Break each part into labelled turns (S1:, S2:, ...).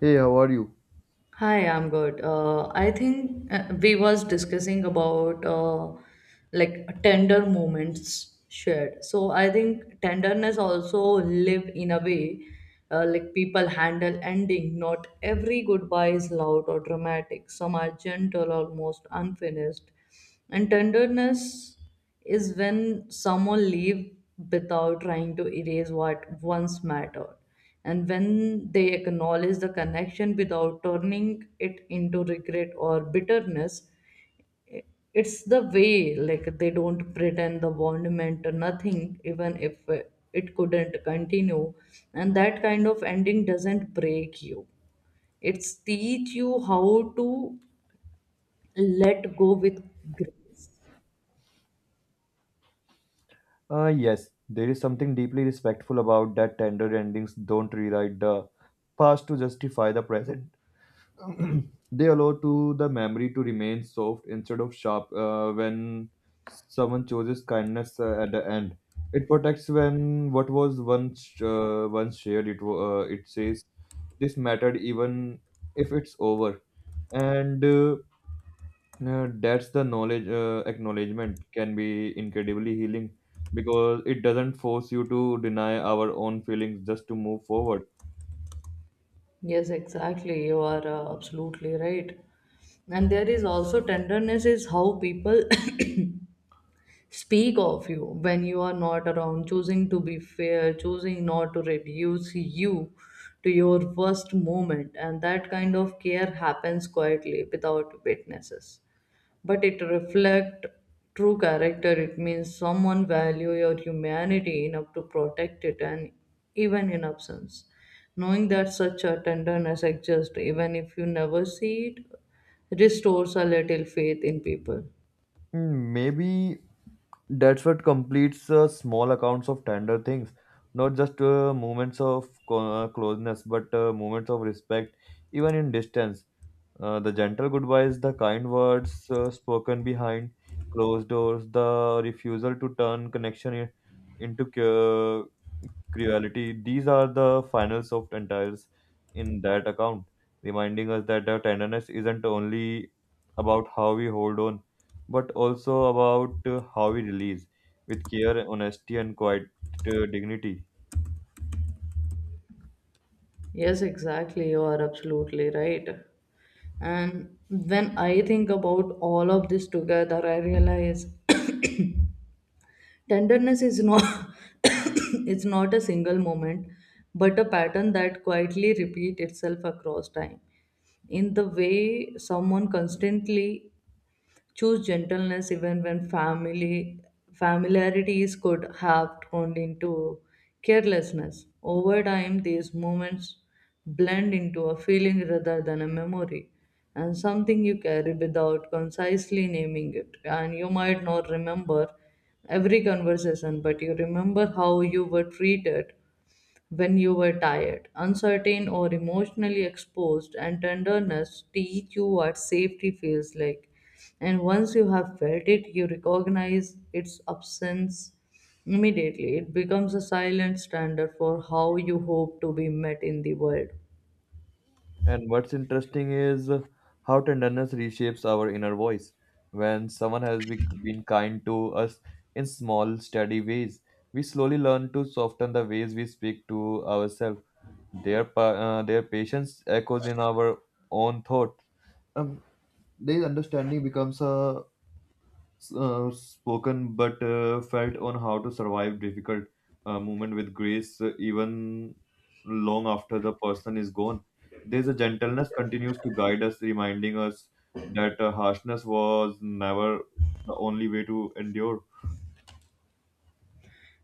S1: Hey, how are you?
S2: Hi, I'm good. I think we was discussing about like tender moments shared. So I think tenderness also live in a way like people handle ending. Not every goodbye is loud or dramatic. Some are gentle, almost unfinished, and tenderness is when someone leaves without trying to erase what once mattered, and when they acknowledge the connection without turning it into regret or bitterness. i- it's the way, like, they don't pretend the bond meant nothing, even if it couldn't continue. And that kind of ending doesn't break you, it's teach you how to let go with grace.
S1: Yes, there is something deeply respectful about that tender endings don't rewrite the past to justify the present. They allow to the memory to remain soft instead of sharp when someone chooses kindness at the end. It protects when what was once once shared. It says this mattered even if it's over, and that's the knowledge acknowledgement can be incredibly healing because it doesn't force you to deny our own feelings just to move forward.
S2: Yes, exactly. You are absolutely right. And there is also tenderness is how people speak of you when you are not around, choosing to be fair, choosing not to reduce you to your worst moment. And that kind of care happens quietly without witnesses, but it reflect true character. It means someone value your humanity enough to protect it, and even in absence, knowing that such a tenderness exists, even if you never see it, restores a little faith in people.
S1: Hmm. Maybe that's what completes small accounts of tender things, not just moments of closeness, but moments of respect, even in distance. The gentle goodbyes, the kind words spoken behind closed doors, the refusal to turn connection into cruelty. These are the final soft entires in that account, reminding us that the tenderness isn't only about how we hold on, but also about how we release with care, honesty, and quiet dignity.
S2: Yes, exactly, you are absolutely right. And when I think about all of this together, I realize tenderness is not it's not a single moment, but a pattern that quietly repeats itself across time. In the way someone constantly choose gentleness, even when family familiarities could have turned into carelessness. Over time, these moments blend into a feeling rather than a memory, and something you carry without concisely naming it. And you might not remember every conversation, but you remember how you were treated when you were tired, uncertain, or emotionally exposed, and tenderness teach you what safety feels like. And once you have felt it, you recognize its absence immediately. It becomes a silent standard for how you hope to be met in the world.
S1: And what's interesting is how tenderness reshapes our inner voice. When someone has been kind to us in small, steady ways, we slowly learn to soften the ways we speak to ourselves. Their patience echoes in our own thought. Um, their understanding becomes a spoken but felt on how to survive difficult moment with grace, even long after the person is gone. There's a gentleness continues to guide us, reminding us that harshness was never the only way to endure.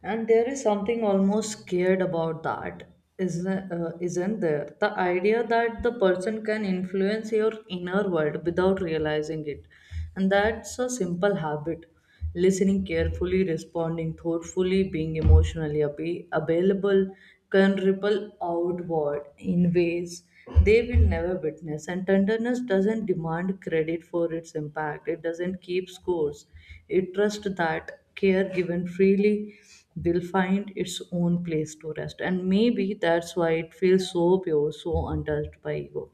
S2: And there is something almost scared about that, isn't there? The idea that the person can influence your inner world without realizing it. And that's a simple habit. Listening carefully, responding thoughtfully, being emotionally available can ripple outward in ways they will never witness. And tenderness doesn't demand credit for its impact, it doesn't keep scores. It trusts that care given freely will find its own place to rest. And maybe that's why it feels so pure, so untouched by ego.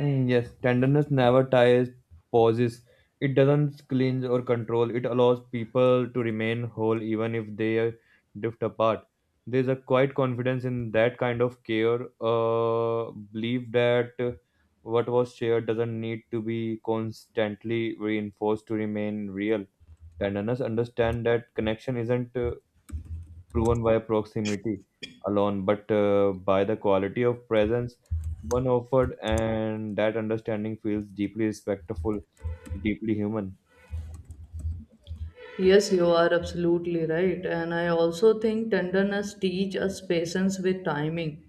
S1: Mm, yes, tenderness never ties, pauses. It doesn't cleanse or control. It allows people to remain whole even if they drift apart. There's a quiet confidence in that kind of care, belief that what was shared doesn't need to be constantly reinforced to remain real. Tenderness understand that connection isn't proven by proximity alone, but by the quality of presence one offered, and that understanding feels deeply respectful, deeply human.
S2: Yes, you are absolutely right. And I also think tenderness teaches us patience with timing.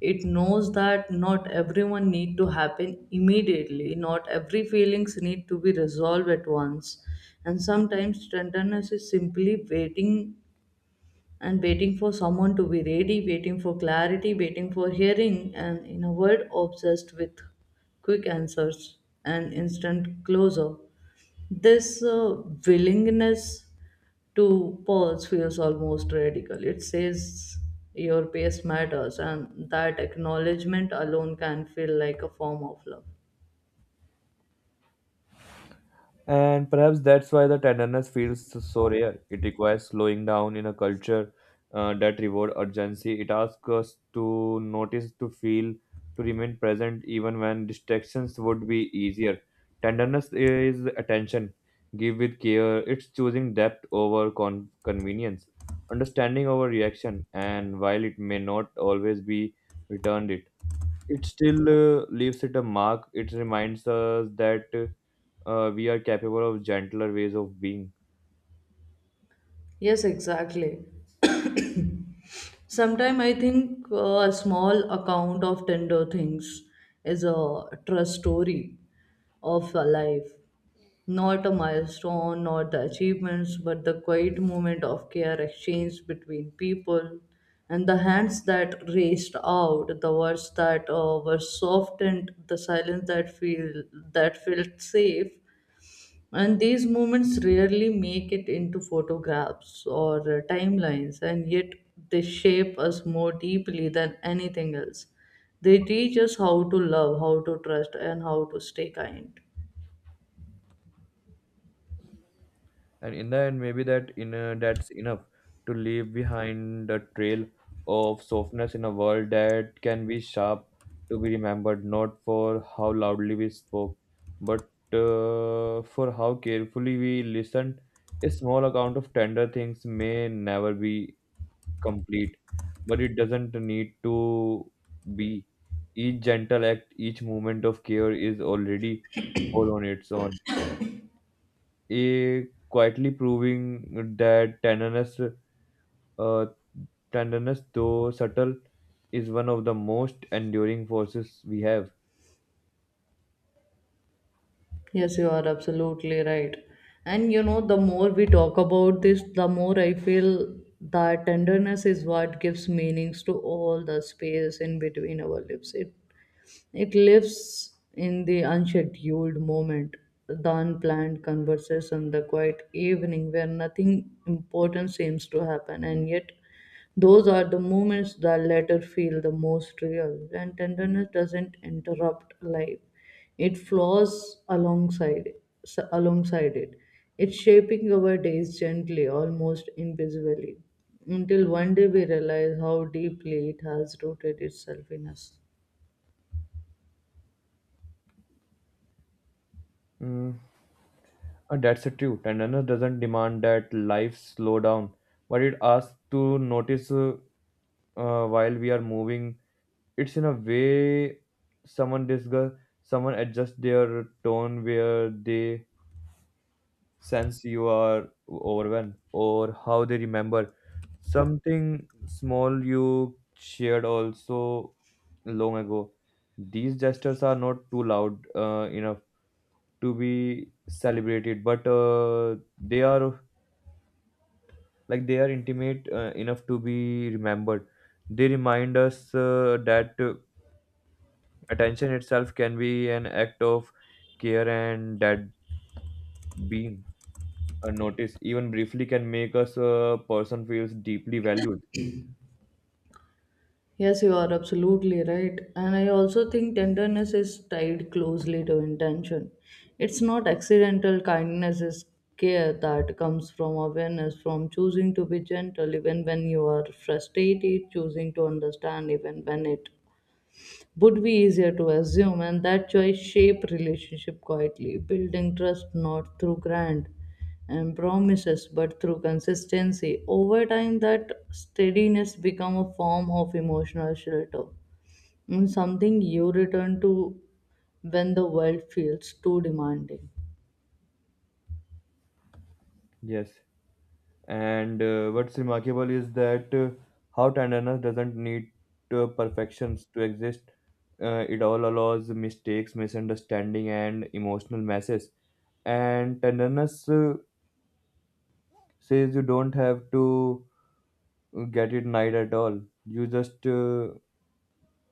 S2: It knows that not everyone need to happen immediately. Not every feelings need to be resolved at once. And sometimes tenderness is simply waiting for someone to be ready, waiting for clarity, waiting for hearing, and in a world obsessed with quick answers and instant closure, this willingness to pause feels almost radical. It says your pace matters, and that acknowledgement alone can feel like a form of love.
S1: And perhaps that's why the tenderness feels so rare. It requires slowing down in a culture that reward urgency. It asks us to notice, to feel, to remain present even when distractions would be easier. Tenderness is attention, give with care. It's choosing depth over convenience, understanding over reaction, and while it may not always be returned, it still leaves it a mark. It reminds us that we are capable of gentler ways of being.
S2: Yes, exactly. Sometimes I think a small account of tender things is a trust story of a life. Not a milestone, not the achievements, but the quiet moment of care exchanged between people, and the hands that reached out, the words that were softened, the silence that feel that felt safe, and these moments rarely make it into photographs or timelines, and yet they shape us more deeply than anything else. They teach us how to love, how to trust, and how to stay kind.
S1: And in the end maybe that's enough to leave behind a trail of softness in a world that can be sharp, to be remembered not for how loudly we spoke but for how carefully we listened. A small account of tender things may never be complete, but it doesn't need to be. Each gentle act, each moment of care is already whole on its own, A quietly proving that uh, tenderness, though subtle, is one of the most enduring forces we have.
S2: Yes, you are absolutely right. And you know, the more we talk about this, the more I feel that tenderness is what gives meanings to all the space in between our lips. It lives in the unscheduled moment, the unplanned conversation, the quiet evening where nothing important seems to happen, and yet those are the moments that later feel the most real. And tenderness doesn't interrupt life; it flows alongside alongside it. It's shaping our days gently, almost invisibly, until one day we realize how deeply it has rooted itself in us.
S1: Mm, that's the truth. Tenderness doesn't demand that life slow down, but it asks to notice while we are moving. It's in a way someone discuss, someone adjusts their tone where they sense you are overwhelmed or how they remember something small you shared also long ago. These gestures are not too loud enough to be celebrated, but they are like they are intimate enough to be remembered. They remind us that attention itself can be an act of care and that being a notice, even briefly, can make us a person feels deeply valued.
S2: Yes, you are absolutely right. And I also think tenderness is tied closely to intention. It's not accidental, kindness is care that comes from awareness, from choosing to be gentle even when you are frustrated, choosing to understand even when it would be easier to assume, and that choice shape relationship quietly, building trust not through grand and promises but through consistency. Over time, that steadiness become a form of emotional shelter, and something you return to when the world feels too demanding.
S1: Yes, and what's remarkable is that how tenderness doesn't need perfections to exist. It all allows mistakes, misunderstanding, and emotional messes. And tenderness says you don't have to get it right at all. You just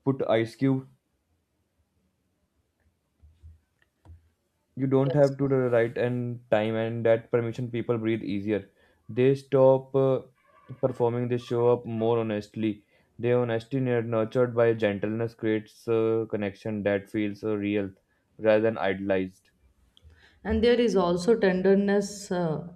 S1: put ice cube. You don't
S2: Yes.
S1: have to the right and time and that permission people breathe easier, they stop performing, they show up more honestly, their honesty nurtured by gentleness creates a connection that feels real rather than idealized.
S2: And there is also tenderness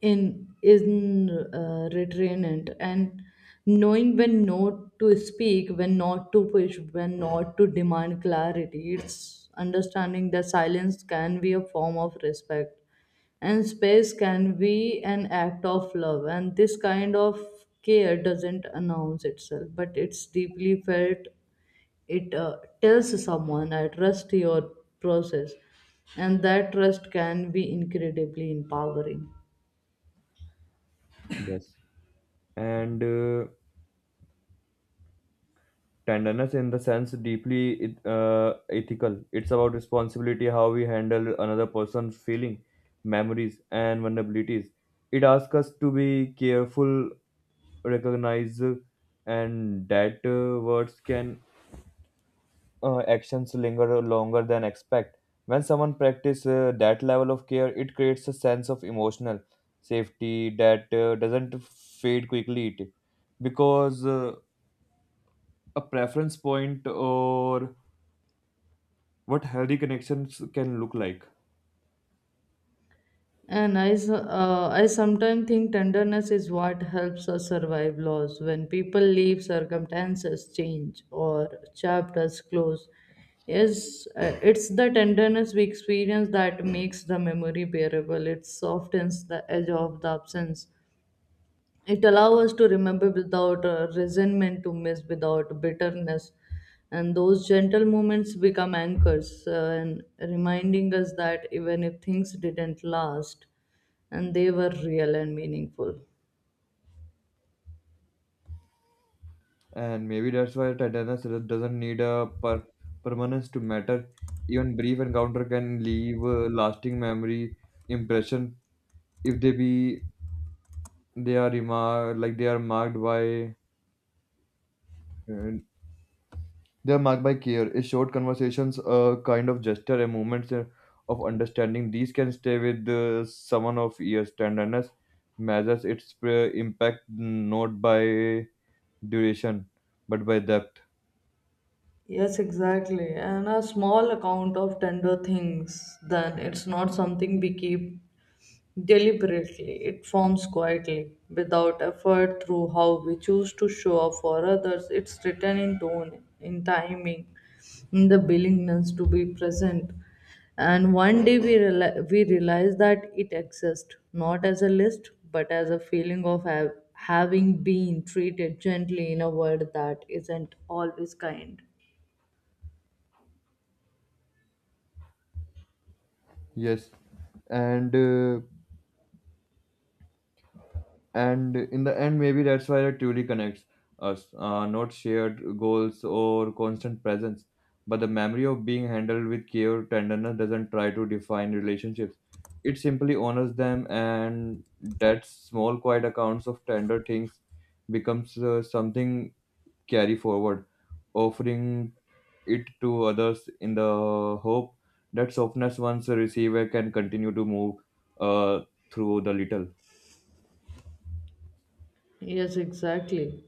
S2: in retrainant, and knowing when not to speak, when not to push, when not to demand clarity. It's understanding that silence can be a form of respect, and space can be an act of love, and this kind of care doesn't announce itself, but it's deeply felt. It tells someone, I trust your process, and that trust can be incredibly empowering.
S1: Yes, and tenderness in the sense deeply ethical, it's about responsibility how we handle another person's feeling, memories and vulnerabilities. It asks us to be careful, recognize, and that words can actions linger longer than expect. When someone practice that level of care it creates a sense of emotional safety that doesn't fade quickly, it because a preference point or what healthy connections can look like.
S2: I sometimes think tenderness is what helps us survive loss. When people leave, circumstances change, or chapters close. Yes, it's the tenderness we experience that makes the memory bearable. It softens the edge of the absence, it allows us to remember without resentment, to miss without bitterness, and those gentle moments become anchors, and reminding us that even if things didn't last, and they were real and meaningful.
S1: And maybe that's why tenderness doesn't need a permanence to matter. Even brief encounter can leave a lasting memory impression if they be they are remark like they are marked by uh, care. A short conversations, a kind of gesture, a moment of understanding, these can stay with someone of years. Tenderness measures its impact not by duration but by depth.
S2: Yes, exactly, and a small account of tender things then, it's not something we keep deliberately. It forms quietly, without effort, through how we choose to show up for others. It's written in tone, in timing, in the willingness to be present. And one day we realize that it exists, not as a list, but as a feeling of having been treated gently in a world that isn't always kind.
S1: Yes, and uh, and in the end maybe that's why it truly connects us, not shared goals or constant presence but the memory of being handled with care. Tenderness doesn't try to define relationships, it simply honors them, and that small quiet accounts of tender things becomes something carry forward, offering it to others in the hope that softness once a receiver can continue to move uh, through the little.
S2: Yes, exactly.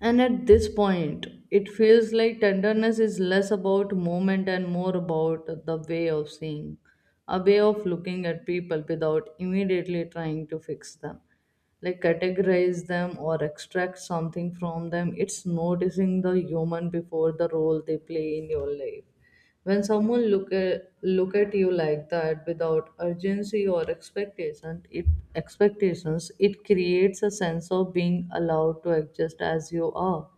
S2: And at this point, it feels like tenderness is less about moment and more about the way of seeing, a way of looking at people without immediately trying to fix them, like categorize them or extract something from them. It's noticing the human before the role they play in your life. When someone look at you like that without urgency or expectations, it creates a sense of being allowed to exist as you are.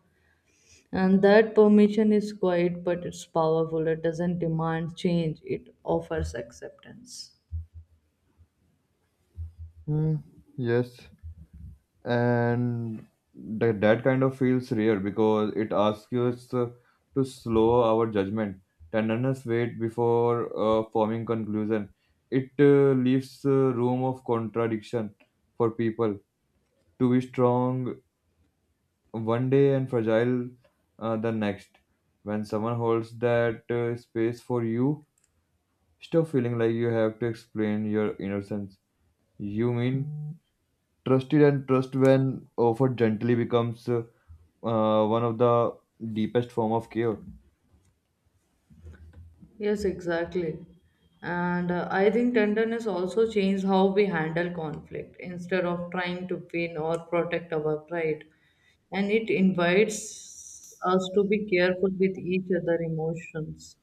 S2: And that permission is quiet, but it's powerful. It doesn't demand change, it offers acceptance.
S1: Hmm, yes, and that kind of feels real because it asks us to slow our judgment. Tenderness wait before forming conclusion, it leaves room of contradiction for people to be strong one day and fragile the next. When someone holds that space for you, stop feeling like you have to explain your innocence, you mean trusted, and trust when offered gently becomes one of the deepest form of care.
S2: Yes, exactly. And I think tenderness also changed how we handle conflict, instead of trying to win or protect our pride. And it invites us to be careful with each other emotions.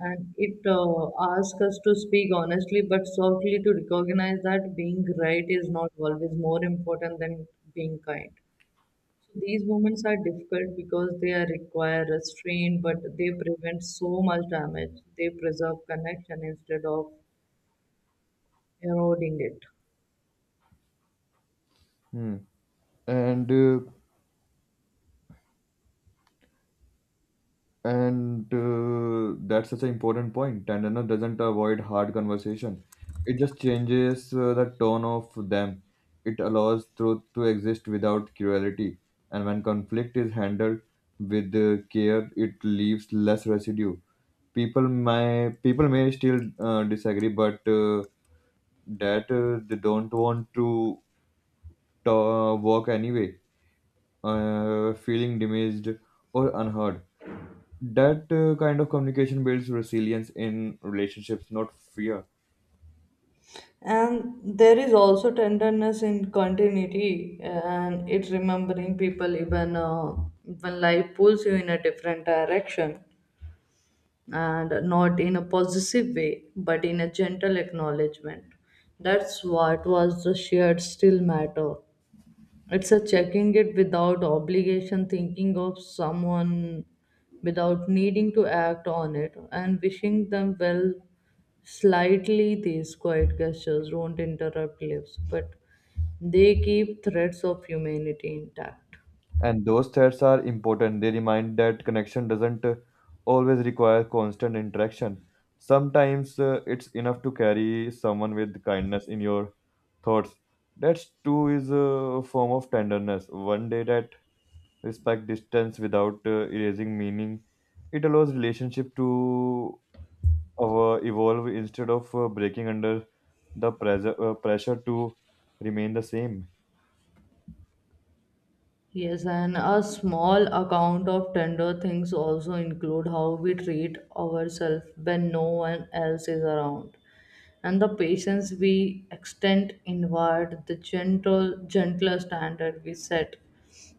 S2: And it asks us to speak honestly but softly, to recognize that being right is not always more important than being kind. So these moments are difficult because they are require restraint, but they prevent so much damage. They preserve connection instead of eroding it.
S1: Hmm. and uh, and That's such an important point. Tenderness doesn't avoid hard conversation, it just changes the tone of them. It allows truth to exist without cruelty, and when conflict is handled with care it leaves less residue. People may still disagree but that they don't want to work anyway feeling damaged or unheard. That kind of communication builds resilience in relationships, not fear.
S2: And there is also tenderness in continuity, and it's remembering people, even when life pulls you in a different direction, and not in a possessive way, but in a gentle acknowledgement. That's what was the shared still matter. It's a checking it without obligation, thinking of someone without needing to act on it, and wishing them well slightly. These quiet gestures don't interrupt lives, but they keep threads of humanity intact.
S1: And those threats are important. They remind that connection doesn't always require constant interaction. Sometimes it's enough to carry someone with kindness in your thoughts. That too is a form of tenderness. One day that respect distance without erasing meaning. It allows relationship to evolve instead of breaking under the pressure to remain the same.
S2: Yes, and a small account of tender things also include how we treat ourselves when no one else is around, and the patience we extend inward, the gentler standard we set.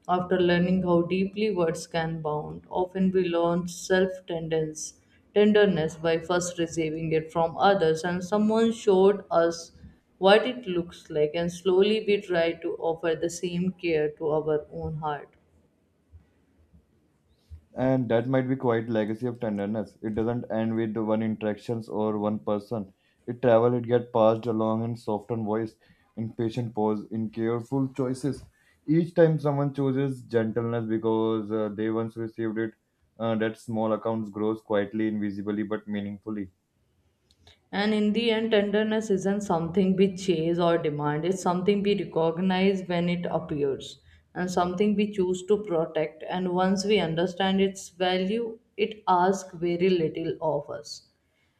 S2: After learning how deeply words can bound, often we learn self tenderness tenderness by first receiving it from others, and someone showed us what it looks like, and slowly we try to offer the same care to our own heart.
S1: And that might be quite legacy of tenderness, it doesn't end with one interactions or one person. It travel, it get passed along in softened voice, in patient pause, in careful choices. Each time someone chooses gentleness because they once received it, that small accounts grows quietly, invisibly but meaningfully.
S2: And in the end, tenderness isn't something we chase or demand, it's something we recognize when it appears, and something we choose to protect. And once we understand its value, it asks very little of us,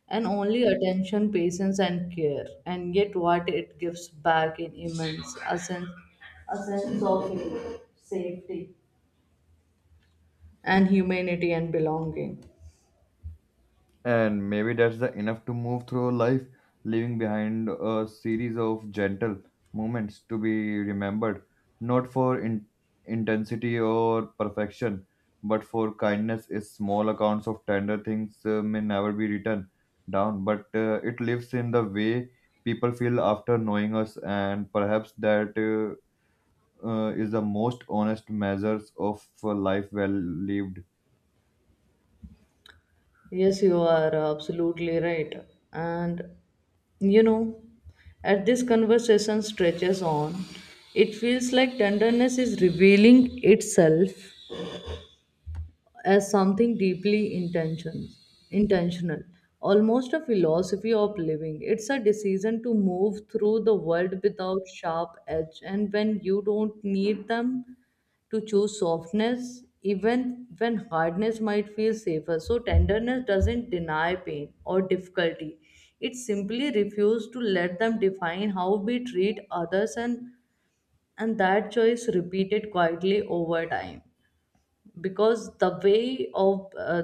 S2: and only attention, patience, and care. And yet, what it gives back in immense a sense of safety and humanity and belonging.
S1: And maybe that's the enough to move through life, leaving behind a series of gentle moments to be remembered, not for intensity or perfection, but for kindness. Is small accounts of tender things may never be written down, but it lives in the way people feel after knowing us, and perhaps that is the most honest measures of life well lived.
S2: Yes, you are absolutely right. And you know, as this conversation stretches on, it feels like tenderness is revealing itself as something deeply intentional, almost a philosophy of living. It's a decision to move through the world without sharp edge, and when you don't need them, to choose softness, even when hardness might feel safer. So tenderness doesn't deny pain or difficulty. It simply refuses to let them define how we treat others. And that choice repeated quietly over time, because the way of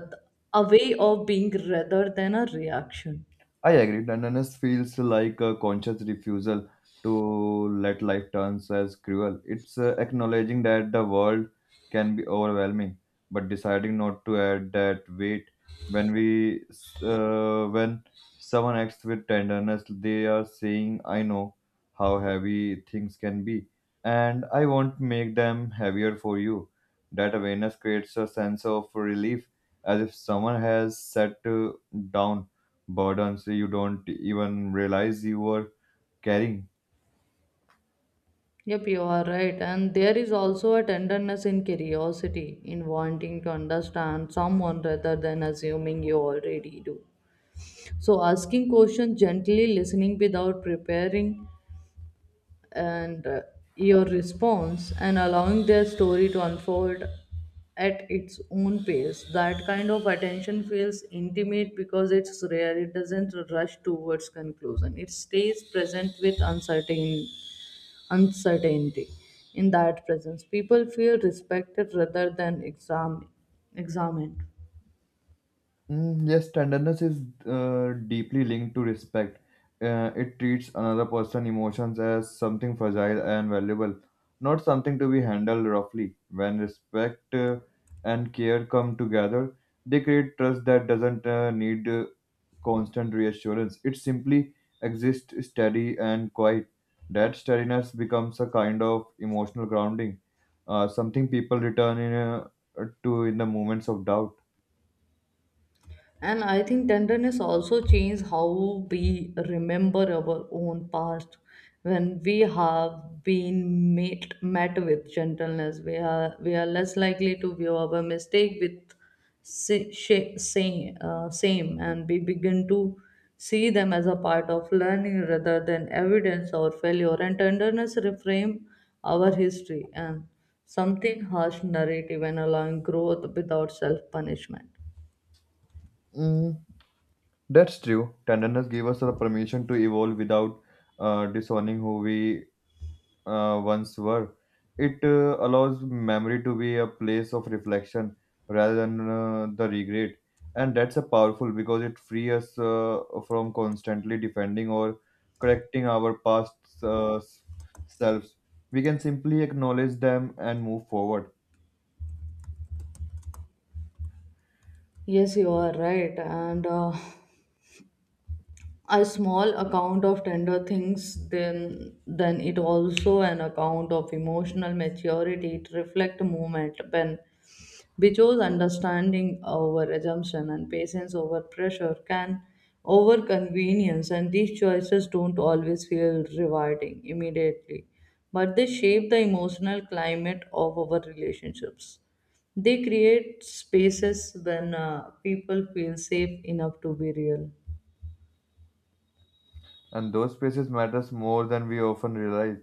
S2: a way of being rather than a reaction.
S1: I agree. Tenderness feels like a conscious refusal to let life turns as cruel. It's acknowledging that the world can be overwhelming, but deciding not to add that weight. When we, when someone acts with tenderness, they are saying, "I know how heavy things can be, and I won't make them heavier for you." That awareness creates a sense of relief, as if someone has set down burdens you don't even realize you were carrying.
S2: Yep, you are right. And there is also a tenderness in curiosity, in wanting to understand someone rather than assuming you already do, so asking questions gently, listening without preparing and your response, and allowing their story to unfold at its own pace. That kind of attention feels intimate because it's rare. It doesn't rush towards conclusion. It stays present with uncertainty. In that presence, people feel respected rather than examined.
S1: Mm, yes, tenderness is deeply linked to respect. It treats another person's emotions as something fragile and valuable, not something to be handled roughly. When respect and care come together, they create trust that doesn't need constant reassurance. It simply exists steady and quiet. That steadiness becomes a kind of emotional grounding, something people return to in the moments of doubt.
S2: And I think tenderness also changes how we remember our own past. When we have met with gentleness, we are less likely to view our mistake with same, and we begin to see them as a part of learning rather than evidence or failure. And tenderness reframe our history and something harsh narrative, and allowing growth without self punishment.
S1: Mm, that's true. Tenderness gave us the permission to evolve without disowning who we once were. It allows memory to be a place of reflection rather than the regret, and that's a powerful because it frees us from constantly defending or correcting our past uh, selves. We can simply acknowledge them and move forward.
S2: Yes, you are right. And a small account of tender things, then it also an account of emotional maturity. It reflect movement when because understanding over assumption, and patience over pressure can over convenience, and these choices don't always feel rewarding immediately, but they shape the emotional climate of our relationships. They create spaces when people feel safe enough to be real.
S1: And those spaces matters more than we often realize.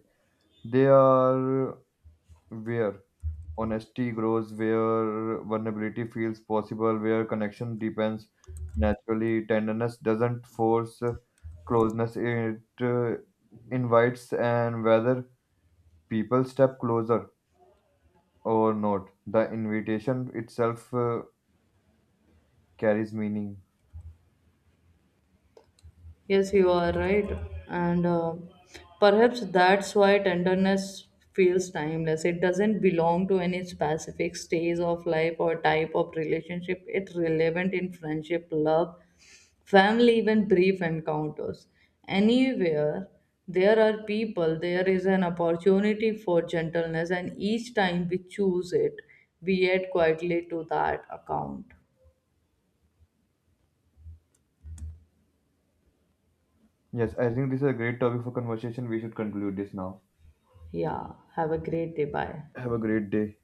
S1: They are where honesty grows, where vulnerability feels possible, where connection deepens naturally. Tenderness doesn't force closeness, it invites, and whether people step closer or not, the invitation itself carries meaning.
S2: Yes, you are right. And perhaps that's why tenderness feels timeless. It doesn't belong to any specific stage of life or type of relationship. It's relevant in friendship, love, family, even brief encounters. Anywhere there are people, there is an opportunity for gentleness, and each time we choose it, we add quietly to that account.
S1: Yes, I think this is a great topic for conversation. We should conclude this now.
S2: Yeah, have a great day. Bye.
S1: Have a great day.